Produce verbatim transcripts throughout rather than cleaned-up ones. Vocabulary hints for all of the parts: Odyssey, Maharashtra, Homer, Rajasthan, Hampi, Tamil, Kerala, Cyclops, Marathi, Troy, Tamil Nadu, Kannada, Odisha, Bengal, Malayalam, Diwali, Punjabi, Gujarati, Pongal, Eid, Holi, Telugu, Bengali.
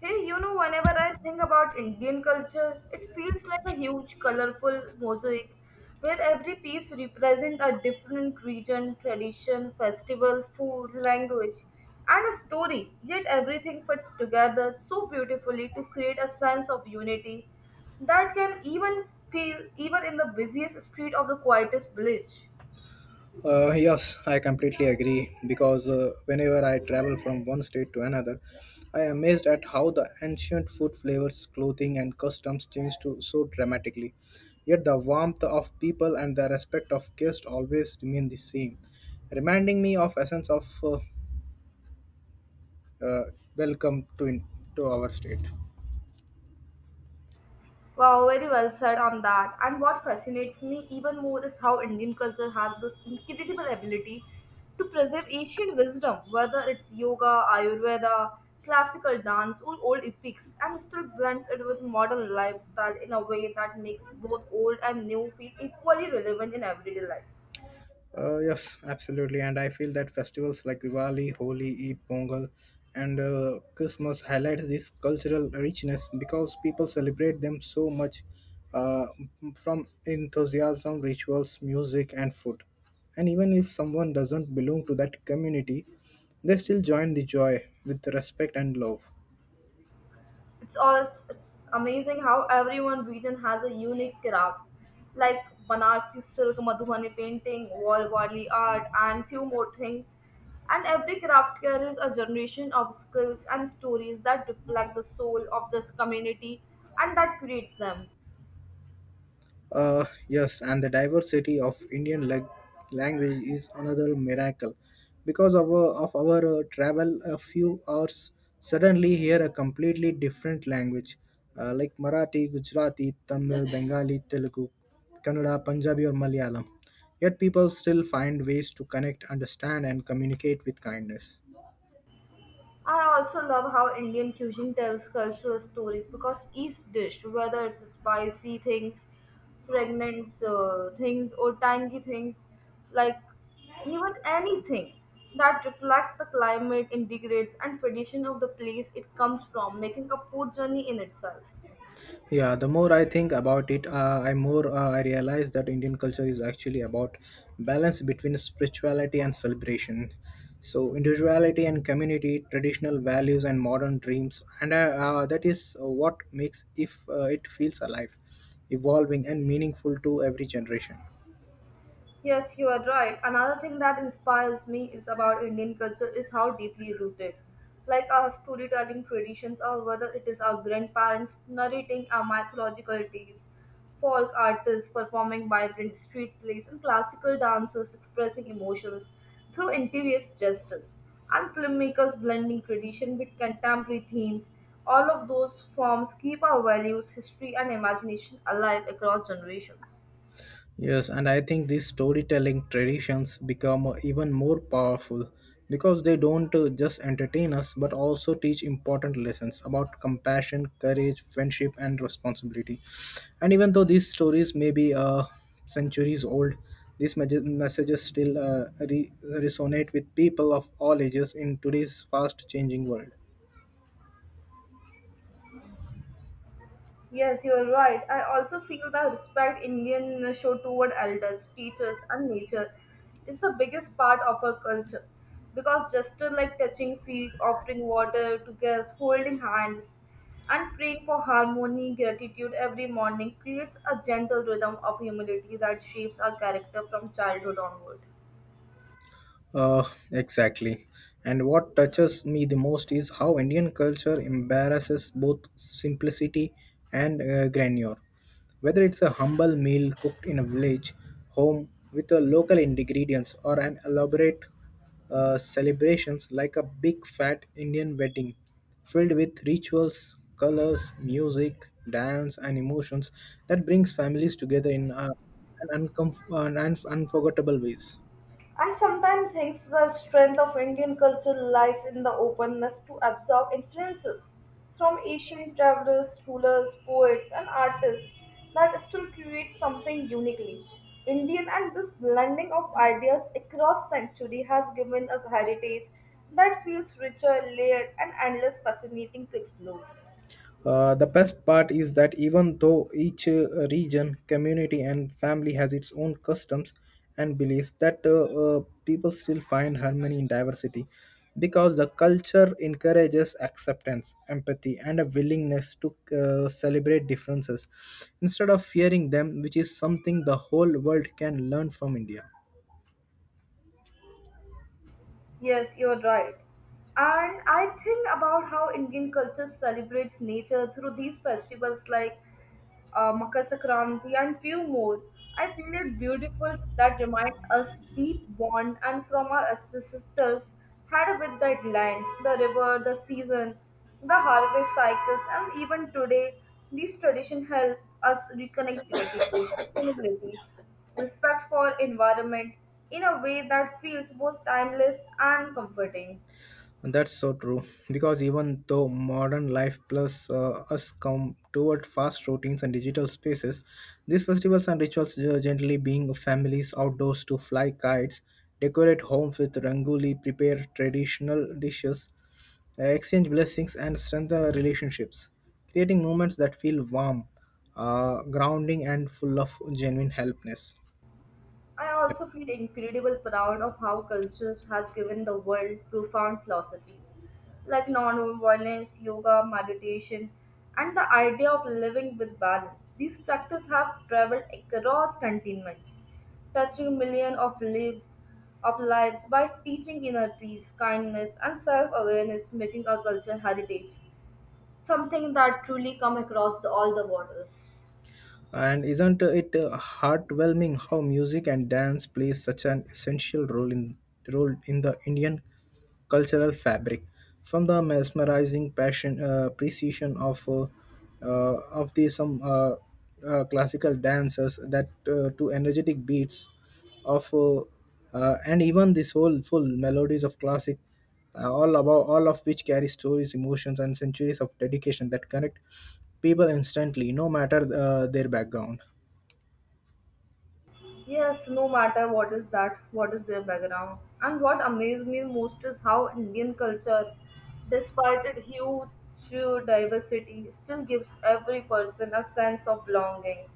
Hey, you know, whenever I think about Indian culture, it feels like a huge, colorful mosaic where every piece represents a different region, tradition, festival, food, language, and a story. Yet everything fits together so beautifully to create a sense of unity that can even feel even in the busiest street of the quietest village. Uh, yes, I completely agree because uh, whenever I travel from one state to another, I am amazed at how the ancient food flavors, clothing, and customs change to so dramatically. Yet the warmth of people and the respect of guests always remain the same, reminding me of essence of uh, uh, welcome to in, to our state. Wow, very well said on that. And what fascinates me even more is how Indian culture has this incredible ability to preserve ancient wisdom, whether it's yoga, Ayurveda, classical dance, or old epics, and still blends it with modern lifestyle in a way that makes both old and new feel equally relevant in everyday life. Uh, yes, absolutely. And I feel that festivals like Diwali, Holi, Eid, Pongal, and uh, Christmas highlights this cultural richness because people celebrate them so much uh, from enthusiasm, rituals, music, and food. And even if someone doesn't belong to that community, they still join the joy with respect and love. It's all it's, it's amazing how everyone region has a unique craft, like Banarsi silk, Madhubani painting, Walwali art, and few more things. And every craft carries a generation of skills and stories that reflect the soul of this community and that creates them. Uh, yes, and the diversity of Indian lag- language is another miracle. Because of our, of our uh, travel a few hours, suddenly hear a completely different language uh, like Marathi, Gujarati, Tamil, Bengali, Telugu, Kannada, Punjabi, or Malayalam. Yet people still find ways to connect, understand, and communicate with kindness. I also love how Indian cuisine tells cultural stories because each dish, whether it's spicy things, fragrant uh, things, or tangy things, like even anything that reflects the climate, integrates, and tradition of the place it comes from, making a food journey in itself. Yeah, the more I think about it, uh, I more uh, I realize that Indian culture is actually about balance between spirituality and celebration. So individuality and community, traditional values and modern dreams, and uh, uh, that is what makes if uh, it feels alive, evolving and meaningful to every generation. Yes, you are right. Another thing that inspires me is about Indian culture is how deeply rooted. Like our storytelling traditions or whether it is our grandparents narrating our mythological tales, folk artists performing vibrant street plays and classical dancers expressing emotions through interior gestures and filmmakers blending tradition with contemporary themes. All of those forms keep our values, history and imagination alive across generations. Yes, and I think these storytelling traditions become even more powerful because they don't uh, just entertain us but also teach important lessons about compassion, courage, friendship, and responsibility. And even though these stories may be uh, centuries old, these mej- messages still uh, re- resonate with people of all ages in today's fast changing world. Yes, you're right. I also feel that respect Indian show toward elders, teachers, and nature is the biggest part of our culture. Because gesture like touching feet, offering water to guests, holding hands, and praying for harmony, gratitude every morning creates a gentle rhythm of humility that shapes our character from childhood onward. Uh, exactly. And what touches me the most is how Indian culture embarrasses both simplicity and uh, grandeur. Whether it's a humble meal cooked in a village home with a local ingredients or an elaborate uh, celebrations like a big fat Indian wedding filled with rituals, colors, music, dance, and emotions that brings families together in uh, an, uncomf- uh, an un- unforgettable ways. I sometimes think the strength of Indian culture lies in the openness to absorb influences from Asian travelers, rulers, poets, and artists that still create something uniquely Indian. And this blending of ideas across century has given us heritage that feels richer, layered, and endless fascinating to explore. Uh, the best part is that even though each uh, region, community, and family has its own customs and beliefs, that uh, uh, people still find harmony in diversity because the culture encourages acceptance, empathy, and a willingness to uh, celebrate differences instead of fearing them, which is something the whole world can learn from India. Yes, you're right. And I think about how Indian culture celebrates nature through these festivals like uh, Makar Sankranti, and few more. I feel it beautiful that remind us deep bond and from our ancestors had with that land, the river, the season, the harvest cycles, and even today, these traditions help us reconnect gratitude, sustainability, respect for environment in a way that feels both timeless and comforting. That's so true. Because even though modern life plus uh, us come toward fast routines and digital spaces, these festivals and rituals uh, generally being families outdoors to fly kites, decorate homes with rangoli, prepare traditional dishes, uh, exchange blessings, and strengthen relationships, creating moments that feel warm, uh, grounding, and full of genuine helpness. I Yep. also feel incredible proud of how culture has given the world profound philosophies like non-violence, yoga, meditation, and the idea of living with balance. These practices have traveled across continents, touching millions of lives of lives by teaching inner peace, kindness, and self-awareness, making our culture heritage something that truly come across the, all the borders. And isn't it uh, heartwarming how music and dance plays such an essential role in role in the Indian cultural fabric? From the mesmerizing passion, uh, precision of uh, uh, of the some uh, uh, classical dancers that uh, to energetic beats of uh, uh, and even the soulful melodies of classic uh, all about all of which carry stories emotions and centuries of dedication that connect people instantly no matter uh, their background. Yes, no matter what is that, what is their background. And what amazed me most is how Indian culture, despite its huge diversity, still gives every person a sense of belonging.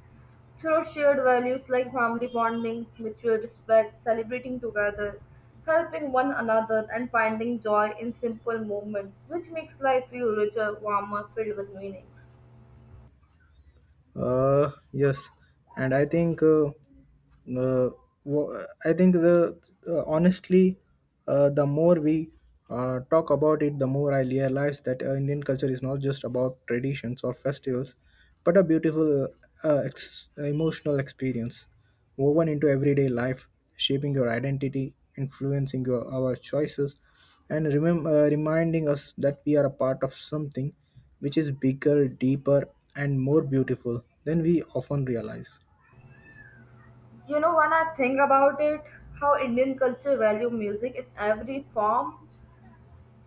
Through shared values like family bonding, mutual respect, celebrating together, helping one another, and finding joy in simple moments, which makes life feel richer, warmer, filled with meanings. Uh, yes, and I think uh, uh, wo- I think the uh, honestly, uh, the more we uh, talk about it, the more I realize that uh, Indian culture is not just about traditions or festivals, but a beautiful uh, uh, ex- emotional experience woven into everyday life, shaping your identity, influencing your our choices, and remem- uh, reminding us that we are a part of something which is bigger, deeper, and more beautiful than we often realize. You know, when I think about it, how Indian culture value music in every form,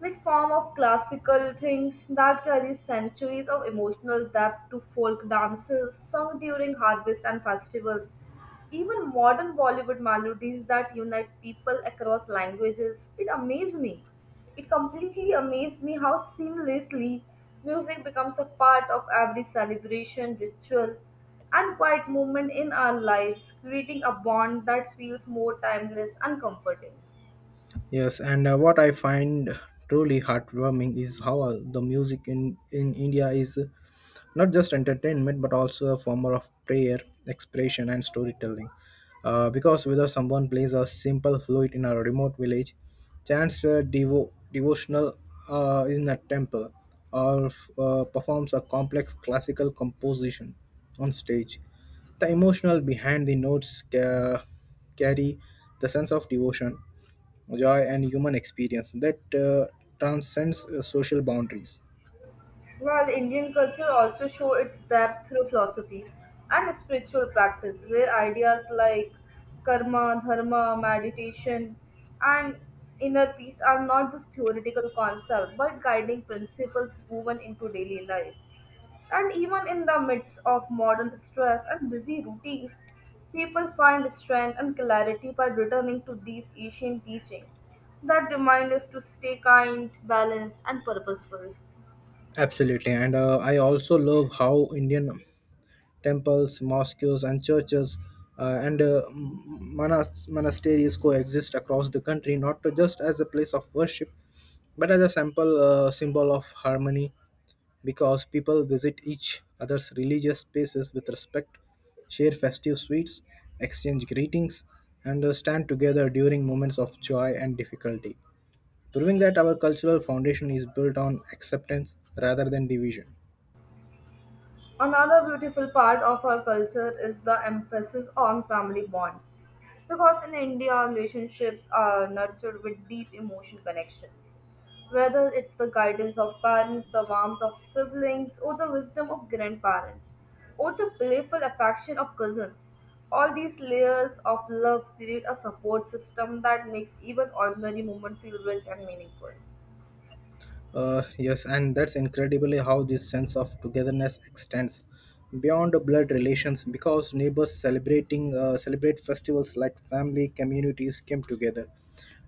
like form of classical things that carry centuries of emotional depth to folk dances sung during harvest and festivals even modern bollywood melodies that unite people across languages it amazed me it completely amazed me how seamlessly music becomes a part of every celebration ritual and quiet moment in our lives creating a bond that feels more timeless and comforting. Yes, and uh, what I find truly heartwarming is how uh, the music in, in India is not just entertainment but also a form of prayer expression and storytelling uh, because whether someone plays a simple flute in a remote village chants a devo- devotional uh, in a temple or uh, performs a complex classical composition on stage the emotional behind the notes ca- carry the sense of devotion joy and human experience that uh, transcends uh, social boundaries. While Indian culture also show its depth through philosophy and spiritual practice, where ideas like karma, dharma, meditation, and inner peace are not just theoretical concepts but guiding principles woven into daily life. And even in the midst of modern stress and busy routines, people find strength and clarity by returning to these ancient teachings that remind us to stay kind, balanced, and purposeful. Absolutely, and uh, I also love how Indian temples, mosques, and churches uh, and uh, m- monas- monasteries coexist across the country, not to just as a place of worship, but as a simple uh, symbol of harmony, because people visit each other's religious spaces with respect, share festive sweets, exchange greetings, and uh, stand together during moments of joy and difficulty proving that our cultural foundation is built on acceptance rather than division. Another beautiful part of our culture is the emphasis on family bonds. Because in India, relationships are nurtured with deep emotion connections. Whether it's the guidance of parents, the warmth of siblings, or the wisdom of grandparents, or the playful affection of cousins, all these layers of love create a support system that makes even ordinary moments feel rich and meaningful. Uh, yes, and that's incredibly how this sense of togetherness extends beyond blood relations because neighbors celebrating uh, celebrate festivals like family communities came together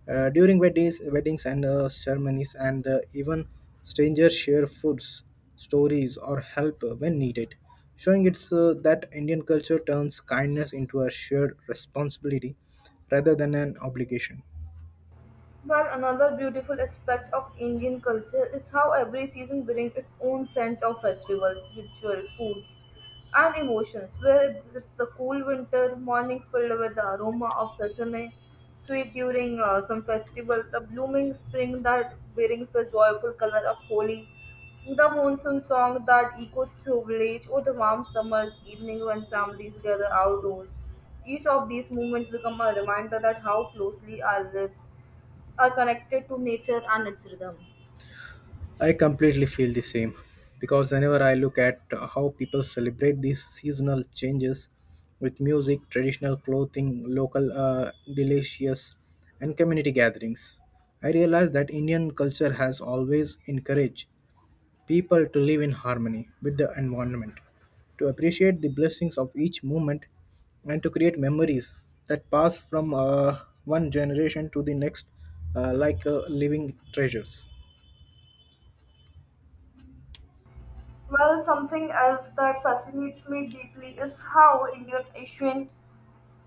uh, during weddings, weddings and uh, ceremonies, and uh, even strangers share foods, stories, or help uh, when needed, showing it's uh, that Indian culture turns kindness into a shared responsibility rather than an obligation. Well, another beautiful aspect of Indian culture is how every season brings its own scent of festivals, ritual, foods, and emotions. Where it's, it's the cool winter morning filled with the aroma of sesame, sweet during uh, some festival, the blooming spring that brings the joyful color of Holi, the monsoon song that echoes through village, or the warm summer's evening when families gather outdoors. Each of these moments become a reminder that how closely our lives are connected to nature and its rhythm. I completely feel the same because whenever I look at uh, how people celebrate these seasonal changes with music, traditional clothing, local uh, delicious, and community gatherings, I realize that Indian culture has always encouraged people to live in harmony with the environment, to appreciate the blessings of each moment, and to create memories that pass from uh, one generation to the next uh, like uh, living treasures. Well, something else that fascinates me deeply is how Indian ancient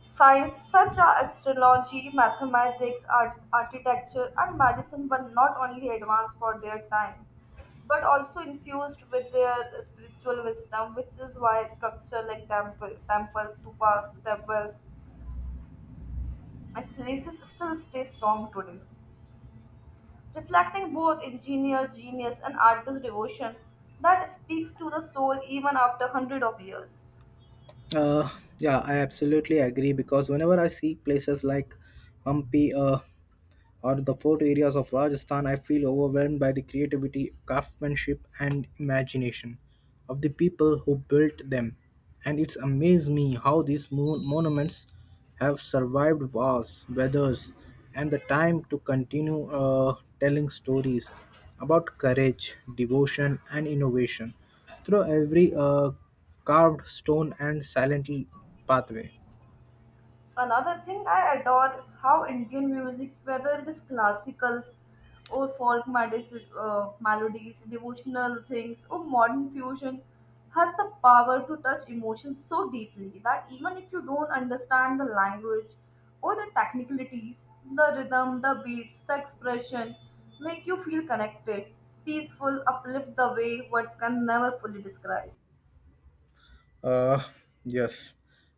science such as astrology, mathematics, art, architecture, and medicine were not only advanced for their time, but also infused with their spiritual wisdom, which is why structure like temple, temples, stupas, temples, and places still stay strong today, reflecting both engineer's genius and artist's devotion that speaks to the soul even after hundreds of years. Uh, yeah, I absolutely agree because whenever I see places like Hampi, uh, or the fort areas of Rajasthan, I feel overwhelmed by the creativity, craftsmanship, and imagination of the people who built them. And it's amazed me how these mon- monuments have survived wars, weathers, and the time to continue uh, telling stories about courage, devotion, and innovation through every uh, carved stone and silent pathway. Another thing I adore is how Indian music, whether it is classical or folk medis- uh, melodies, devotional things, or modern fusion, has the power to touch emotions so deeply that even if you don't understand the language or the technicalities, the rhythm, the beats, the expression make you feel connected, peaceful, uplift the way words can never fully describe. Uh, yes.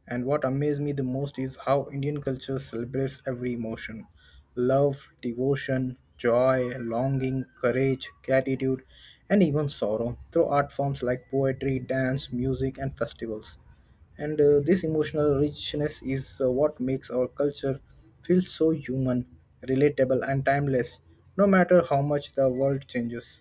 And what amazed me the most is how Indian culture celebrates every emotion love, devotion, joy, longing, courage, gratitude, and even sorrow through art forms like poetry, dance, music, and festivals. And uh, this emotional richness is uh, what makes our culture feel so human, relatable, and timeless, no matter how much the world changes.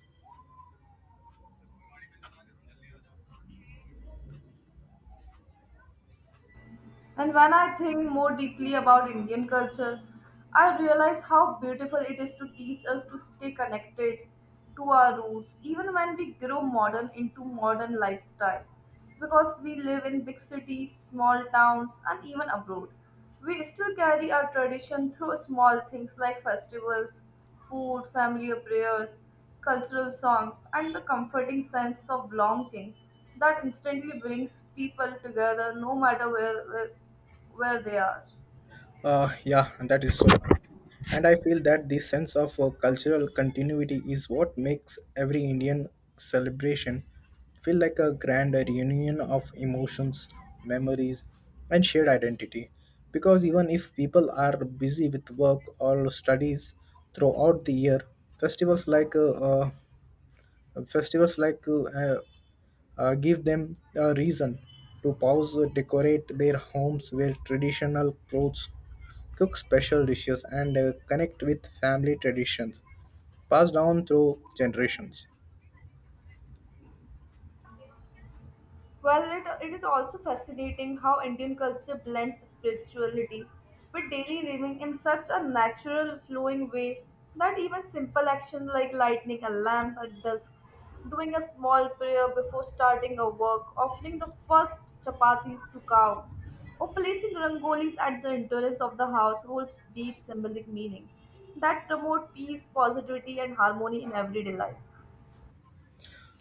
And when I think more deeply about Indian culture, I realize how beautiful it is to teach us to stay connected to our roots, even when we grow modern into modern lifestyle. Because we live in big cities, small towns, and even abroad, we still carry our tradition through small things like festivals, food, family prayers, cultural songs, and the comforting sense of belonging that instantly brings people together no matter where, where, where they are. Uh, yeah, that is so true. And I feel that this sense of uh, cultural continuity is what makes every Indian celebration feel like a grand reunion of emotions, memories, and shared identity. Because even if people are busy with work or studies throughout the year, festivals like uh, uh, festivals like uh, uh, uh, give them a reason to pause, uh, decorate their homes, wear traditional clothes, cook special dishes, and uh, connect with family traditions passed down through generations. Well, it, it is also fascinating how Indian culture blends spirituality with daily living in such a natural, flowing way that even simple action like lighting a lamp at dusk, doing a small prayer before starting a work, offering the first chapatis to cows, or placing rangolis at the entrance of the house holds deep symbolic meaning that promote peace, positivity, and harmony in everyday life.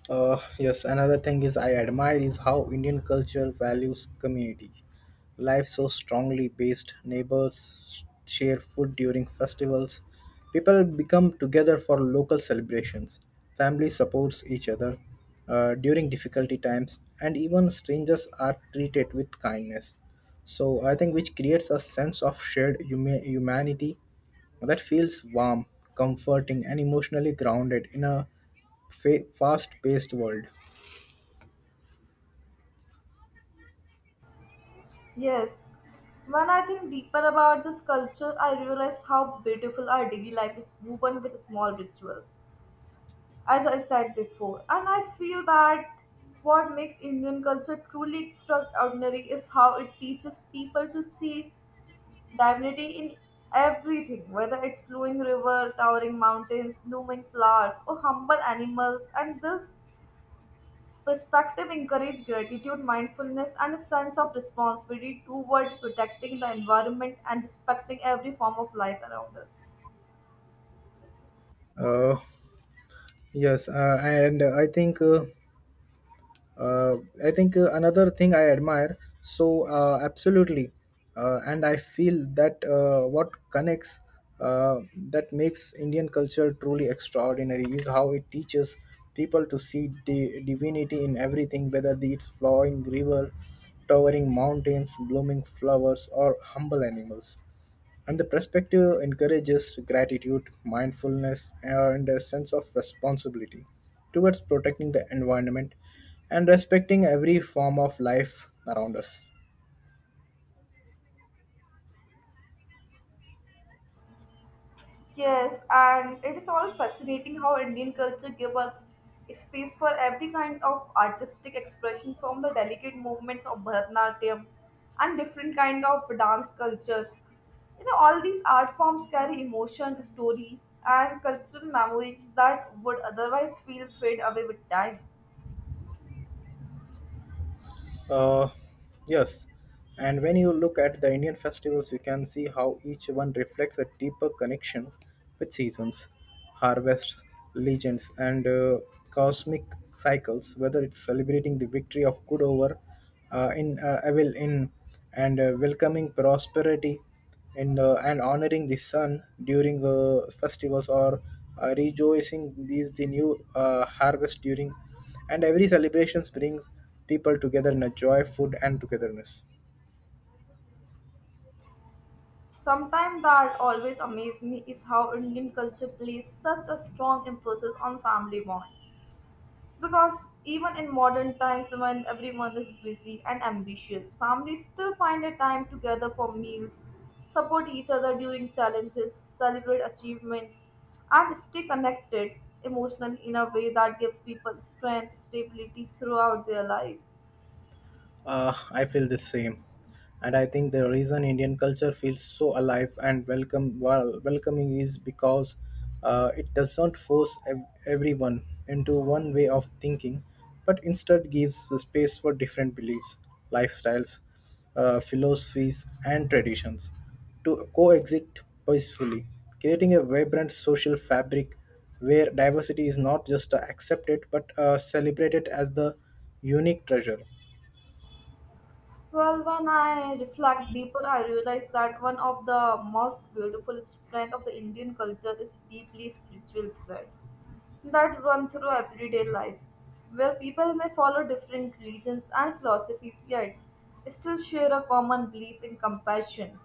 Uh, yes, another thing is I admire is how Indian culture values community. Life so strongly based, neighbors share food during festivals, people become together for local celebrations, family supports each other uh, during difficulty times, and even strangers are treated with kindness. So I think which creates a sense of shared huma- humanity that feels warm, comforting, and emotionally grounded in a fa- fast-paced world. Yes, when I think deeper about this culture, I realized how beautiful our daily life is woven with small rituals, as I said before. And I feel that what makes Indian culture truly extraordinary is how it teaches people to see divinity in everything, whether it's flowing river, towering mountains, blooming flowers, or humble animals. And this perspective encourage gratitude, mindfulness, and a sense of responsibility toward protecting the environment and respecting every form of life around us. Uh, yes, uh, and uh, I think uh, uh, I think uh, another thing I admire. So uh, Absolutely, uh, and I feel that uh, what connects uh, that makes Indian culture truly extraordinary is how it teaches people to see the divinity in everything, whether it's flowing river, towering mountains, blooming flowers, or humble animals. And the perspective encourages gratitude, mindfulness, and a sense of responsibility towards protecting the environment and respecting every form of life around us. Yes, and it is all fascinating how Indian culture gives us space for every kind of artistic expression from the delicate movements of Bharatanatyam and different kind of dance culture. You know, all these art forms carry emotion, stories, and cultural memories that would otherwise feel fade away with time. Uh, yes, and when you look at the Indian festivals, you can see how each one reflects a deeper connection with seasons, harvests, legends, and uh, cosmic cycles. Whether it's celebrating the victory of good over uh, in uh, evil in and uh, welcoming prosperity and uh, and honoring the sun during uh, festivals or uh, rejoicing these the new uh, harvest during and every celebrations brings people together in a joy food and togetherness. Sometimes that always amazes me is how Indian culture places such a strong emphasis on family bonds. Because even in modern times when everyone is busy and ambitious, families still find a time together for meals, support each other during challenges, celebrate achievements, and stay connected emotionally in a way that gives people strength, stability throughout their lives. Uh, I feel the same. And I think the reason Indian culture feels so alive and welcome, well, welcoming is because uh, it does not force ev- everyone into one way of thinking, but instead gives space for different beliefs, lifestyles, uh, philosophies, and traditions to coexist peacefully, creating a vibrant social fabric where diversity is not just accepted but uh, celebrated as the unique treasure. Well, when I reflect deeper, I realize that one of the most beautiful strengths of the Indian culture is deeply spiritual thread that run through everyday life, where people may follow different religions and philosophies yet still share a common belief in compassion,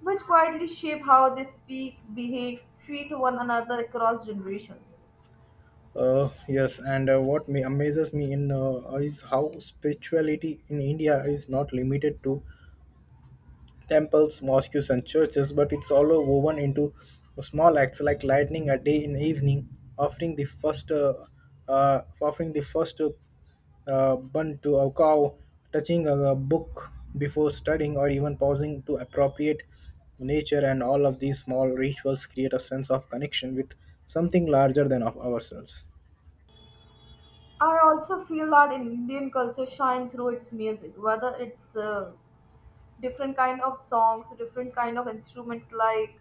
which quietly shape how they speak, behave, treat one another across generations. Uh, yes, and uh, what me amazes me in uh, is how spirituality in India is not limited to temples, mosques, and churches, but it's all uh, woven into small acts like lighting a day in evening, offering the first, uh, uh, offering the first uh, uh, bun to a cow, touching a, a book before studying, or even pausing to appropriate nature. And all of these small rituals create a sense of connection with something larger than of ourselves. I also feel that in Indian culture shine through its music, whether it's uh, different kind of songs, different kind of instruments like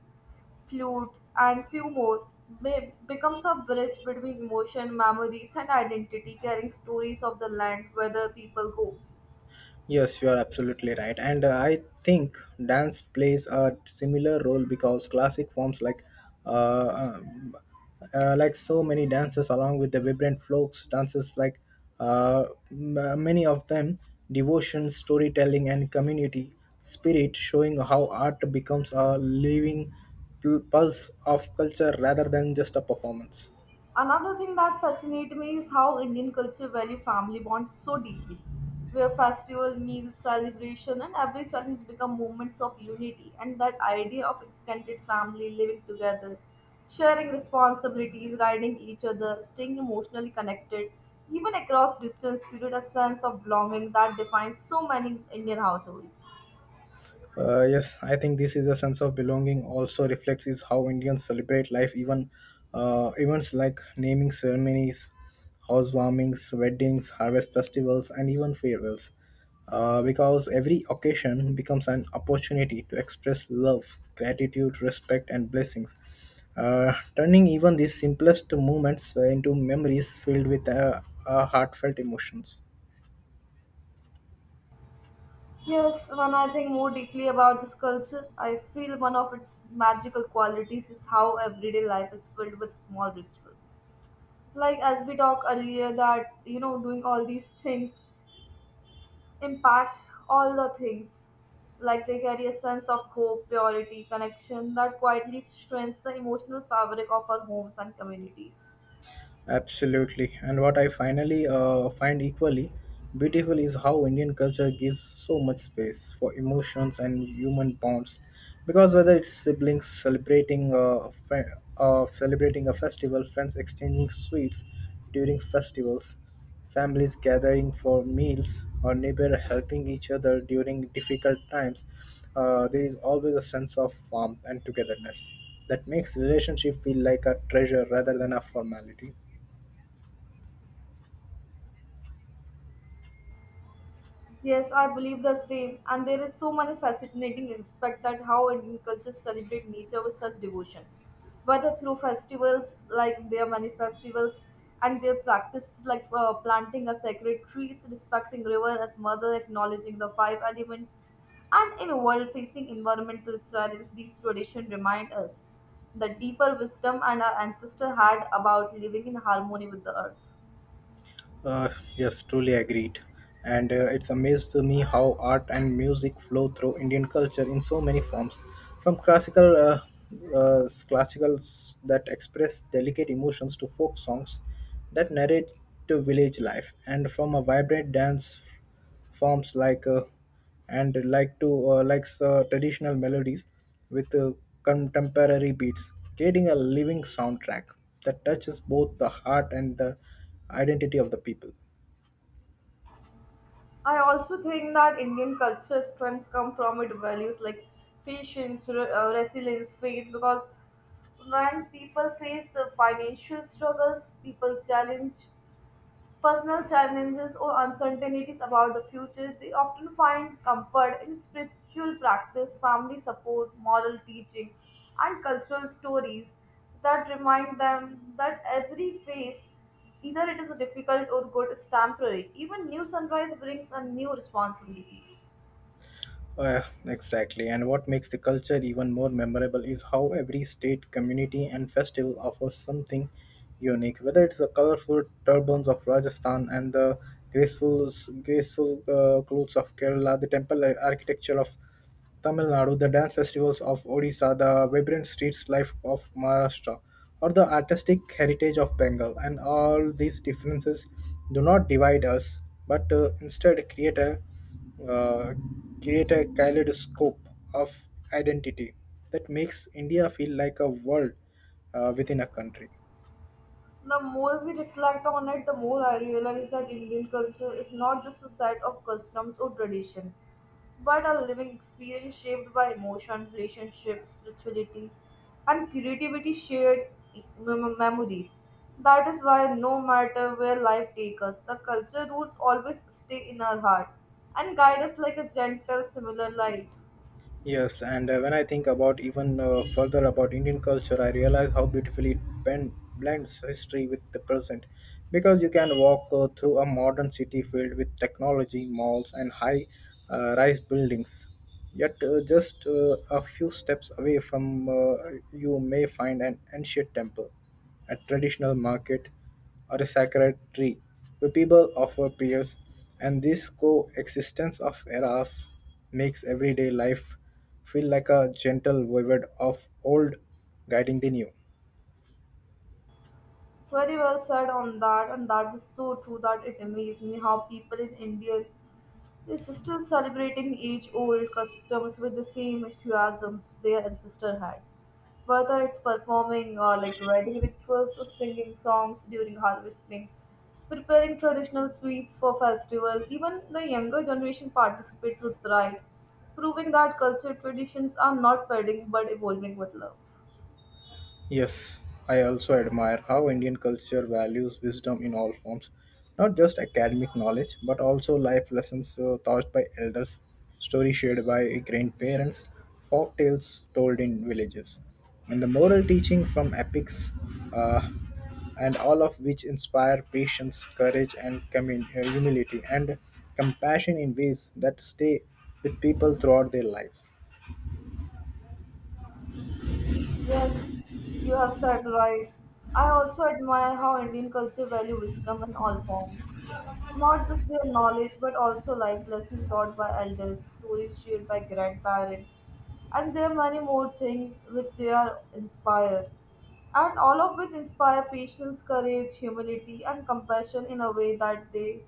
flute and few more be- becomes a bridge between emotion, memories and identity, carrying stories of the land where the people go. Yes, you are absolutely right. And uh, I think dance plays a similar role because classic forms like uh, um, uh, like so many dances along with the vibrant folks dances like uh, m- uh, many of them devotion storytelling and community spirit showing how art becomes a living pul- pulse of culture rather than just a performance. Another thing that fascinates me is how Indian culture value family bonds so deeply, where festival, meals, celebration, and every challenge become moments of unity. And that idea of extended family living together, sharing responsibilities, guiding each other, staying emotionally connected, even across distance, created a sense of belonging that defines so many Indian households. Uh, yes, I think this is a sense of belonging. Also reflects is how Indians celebrate life, even uh, events like naming ceremonies, housewarmings, weddings, harvest festivals, and even farewells. Uh, because every occasion becomes an opportunity to express love, gratitude, respect, and blessings, uh, turning even these simplest moments uh, into memories filled with uh, uh, heartfelt emotions. Yes, when I think more deeply about this culture, I feel one of its magical qualities is how everyday life is filled with small rituals. Like as we talked earlier, that you know, doing all these things impact all the things. Like they carry a sense of hope, purity, connection that quietly strengthens the emotional fabric of our homes and communities. Absolutely. And what I finally uh, find equally beautiful is how Indian culture gives so much space for emotions and human bonds. Because whether it's siblings celebrating uh, fe- uh, celebrating a festival, friends exchanging sweets during festivals, families gathering for meals, or neighbor helping each other during difficult times, uh, there is always a sense of warmth and togetherness that makes relationship feel like a treasure rather than a formality. Yes, I believe the same. And there is so many fascinating aspect that how Indian cultures celebrate nature with such devotion, whether through festivals like their many festivals and their practices like uh, planting a sacred trees, respecting river as mother, acknowledging the five elements, and in a world facing environmental challenges, these traditions remind us the deeper wisdom and our ancestor had about living in harmony with the earth. Uh, yes, truly agreed. And uh, it's amazed to me how art and music flow through Indian culture in so many forms, from classical uh, uh, classicals that express delicate emotions to folk songs that narrate to village life, and from a vibrant dance forms like uh, and like to uh, likes uh, traditional melodies with uh, contemporary beats, creating a living soundtrack that touches both the heart and the identity of the people. I also think that Indian culture strengths come from its values like patience, re- uh, resilience, faith. Because when people face uh, financial struggles, people challenge personal challenges, or uncertainties about the future, they often find comfort in spiritual practice, family support, moral teaching, and cultural stories that remind them that every phase, either it is difficult or good, is temporary. Even new sunrise brings a new responsibilities. Uh, exactly. And what makes the culture even more memorable is how every state, community, and festival offers something unique. Whether it's the colorful turbans of Rajasthan and the graceful, graceful uh, clothes of Kerala, the temple architecture of Tamil Nadu, the dance festivals of Odisha, the vibrant streets life of Maharashtra, or the artistic heritage of Bengal, and all these differences do not divide us, but uh, instead create a uh, create a kaleidoscope of identity that makes India feel like a world uh, within a country. The more we reflect on it, the more I realize that Indian culture is not just a set of customs or tradition, but a living experience shaped by emotion, relationships, spirituality, and creativity shared mem- memories. That is why no matter where life takes us, the culture roots always stay in our heart and guide us like a gentle, similar light. Yes, and uh, when I think about even uh, further about Indian culture, I realize how beautifully it ben- blends history with the present. Because you can walk uh, through a modern city filled with technology, malls, and high uh, rise buildings. Yet, uh, just uh, a few steps away from uh, you may find an ancient temple, a traditional market, or a sacred tree where people offer prayers, and this coexistence of eras makes everyday life feel like a gentle wayward of old guiding the new. Very well said on that, and that is so true that it amazes me how people in India they are still celebrating age old customs with the same enthusiasms their ancestor had. Whether it's performing or like wedding rituals or singing songs during harvesting, preparing traditional sweets for festival, even the younger generation participates with pride, proving that culture traditions are not fading but evolving with love. Yes, I also admire how Indian culture values wisdom in all forms, not just academic knowledge, but also life lessons uh, taught by elders, stories shared by grandparents, folk tales told in villages, and the moral teaching from epics, uh, and all of which inspire patience, courage, and commun- uh, humility and compassion in ways that stay with people throughout their lives. Yes, you have said right. I also admire how Indian culture value wisdom in all forms. Not just their knowledge, but also life lessons taught by elders, stories shared by grandparents, and there are many more things which they are inspired. And all of which inspire patience, courage, humility, and compassion in a way that they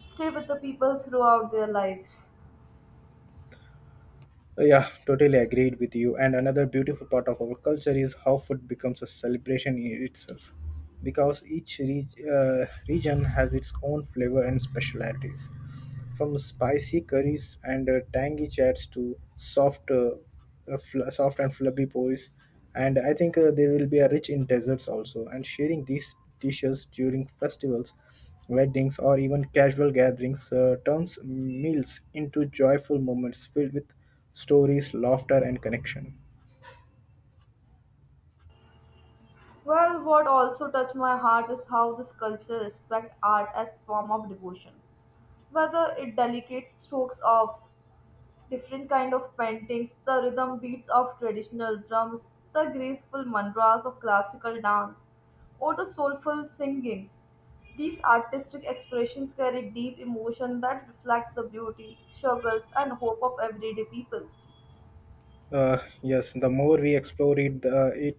stay with the people throughout their lives. Uh, Yeah, totally agreed with you. And another beautiful part of our culture is how food becomes a celebration in itself, because each reg uh, region has its own flavor and specialities. From spicy curries and uh, tangy chats to soft, uh, uh, fl- soft and flabby pois, and I think uh, they will be uh, rich in desserts also. And sharing these dishes during festivals, weddings, or even casual gatherings uh, turns meals into joyful moments filled with stories, laughter, and connection. Well, what also touched my heart is how this culture respects art as form of devotion. Whether it delicate strokes of different kind of paintings, the rhythm beats of traditional drums, the graceful mantras of classical dance, or the soulful singings. These artistic expressions carry deep emotion that reflects the beauty, struggles, and hope of everyday people. Uh, yes, the more we explore it, the, it,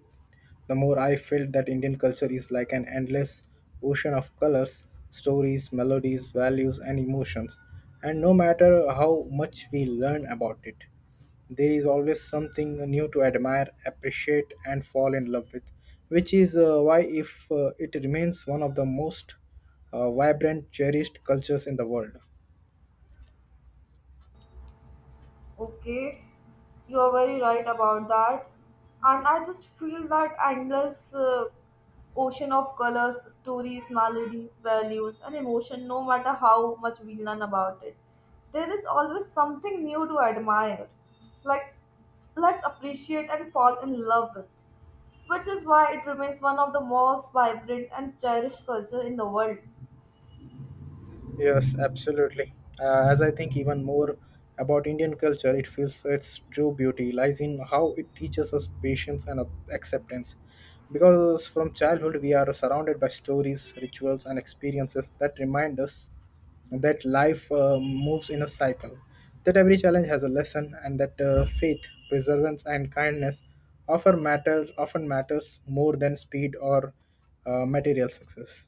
the more I felt that Indian culture is like an endless ocean of colors, stories, melodies, values, and emotions. And no matter how much we learn about it, there is always something new to admire, appreciate, and fall in love with, which is uh, why if uh, it remains one of the most uh, vibrant, cherished cultures in the world. Okay, you are very right about that. And I just feel that endless uh, ocean of colors, stories, melodies, values, and emotion, no matter how much we learn about it, there is always something new to admire. Like, let's appreciate and fall in love with, which is why it remains one of the most vibrant and cherished culture in the world. Yes, absolutely. Uh, as I think even more about Indian culture, it feels its true beauty lies in how it teaches us patience and uh, acceptance. Because from childhood, we are surrounded by stories, rituals, and experiences that remind us that life uh, moves in a cycle, that every challenge has a lesson, and that uh, faith, perseverance, and kindness often matters often matters more than speed or uh, material success.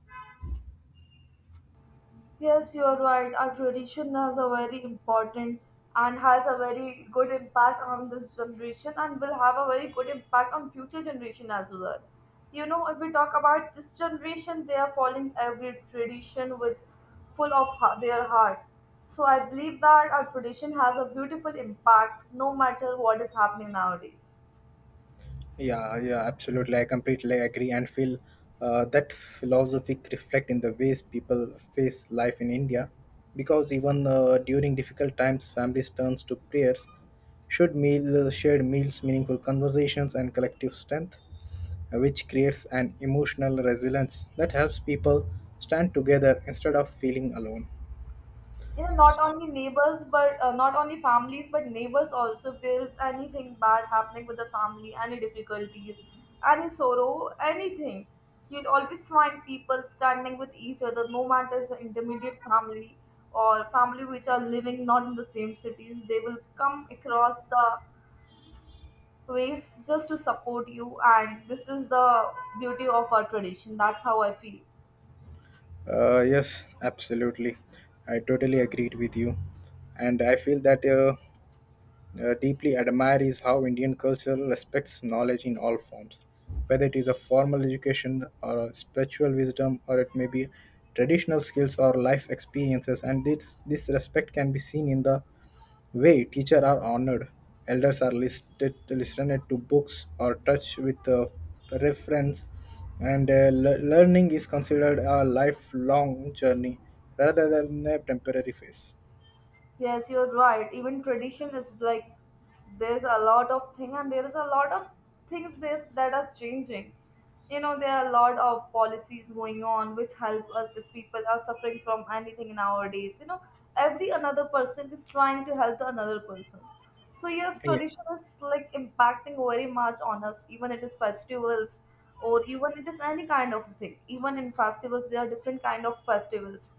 Yes, you are right. Our tradition has a very important and has a very good impact on this generation and will have a very good impact on future generation as well. You know, if we talk about this generation, they are following every tradition with full of ha- their heart. So I believe that our tradition has a beautiful impact no matter what is happening nowadays. Yeah, yeah, absolutely. I completely agree and feel uh, that philosophic reflect in the ways people face life in India. Because even uh, during difficult times, families turns to prayers, should meal shared meals, meaningful conversations, and collective strength, uh, which creates an emotional resilience that helps people stand together instead of feeling alone. You know, not only neighbors but uh, not only families but neighbors also, if there's anything bad happening with the family, any difficulties, any sorrow, anything, you'll always find people standing with each other, no matter the intermediate family or family which are living not in the same cities, they will come across the ways just to support you, and this is the beauty of our tradition. That's how I feel. Uh, yes, absolutely. I totally agreed with you, and I feel that. Uh, uh, deeply admire is how Indian culture respects knowledge in all forms, whether it is a formal education or a spiritual wisdom, or it may be traditional skills or life experiences. And this, this respect can be seen in the way teachers are honored, elders are listed, listened to books or touched with a reference, and uh, le- learning is considered a lifelong journey rather than a temporary phase. Yes, you're right. Even tradition is like there's a lot of thing and there is a lot of things this that are changing. You know, there are a lot of policies going on which help us if people are suffering from anything nowadays. You know, every another person is trying to help the another person. So yes, Yeah. tradition is like impacting very much on us. Even it is festivals or even it is any kind of thing. Even in festivals, there are different kind of festivals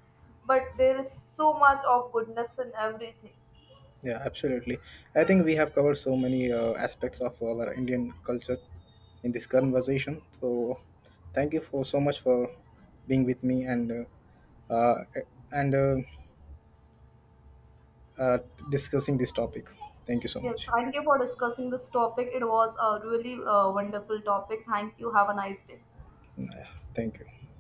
but there is so much of goodness in everything. Yeah, absolutely. I think we have covered so many uh, aspects of our Indian culture in this conversation. So, thank you for so much for being with me and uh, uh, and uh, uh, discussing this topic. Thank you so Yes, much. thank you for discussing this topic. It was a really uh, wonderful topic. Thank you. Have a nice day. Yeah, thank you.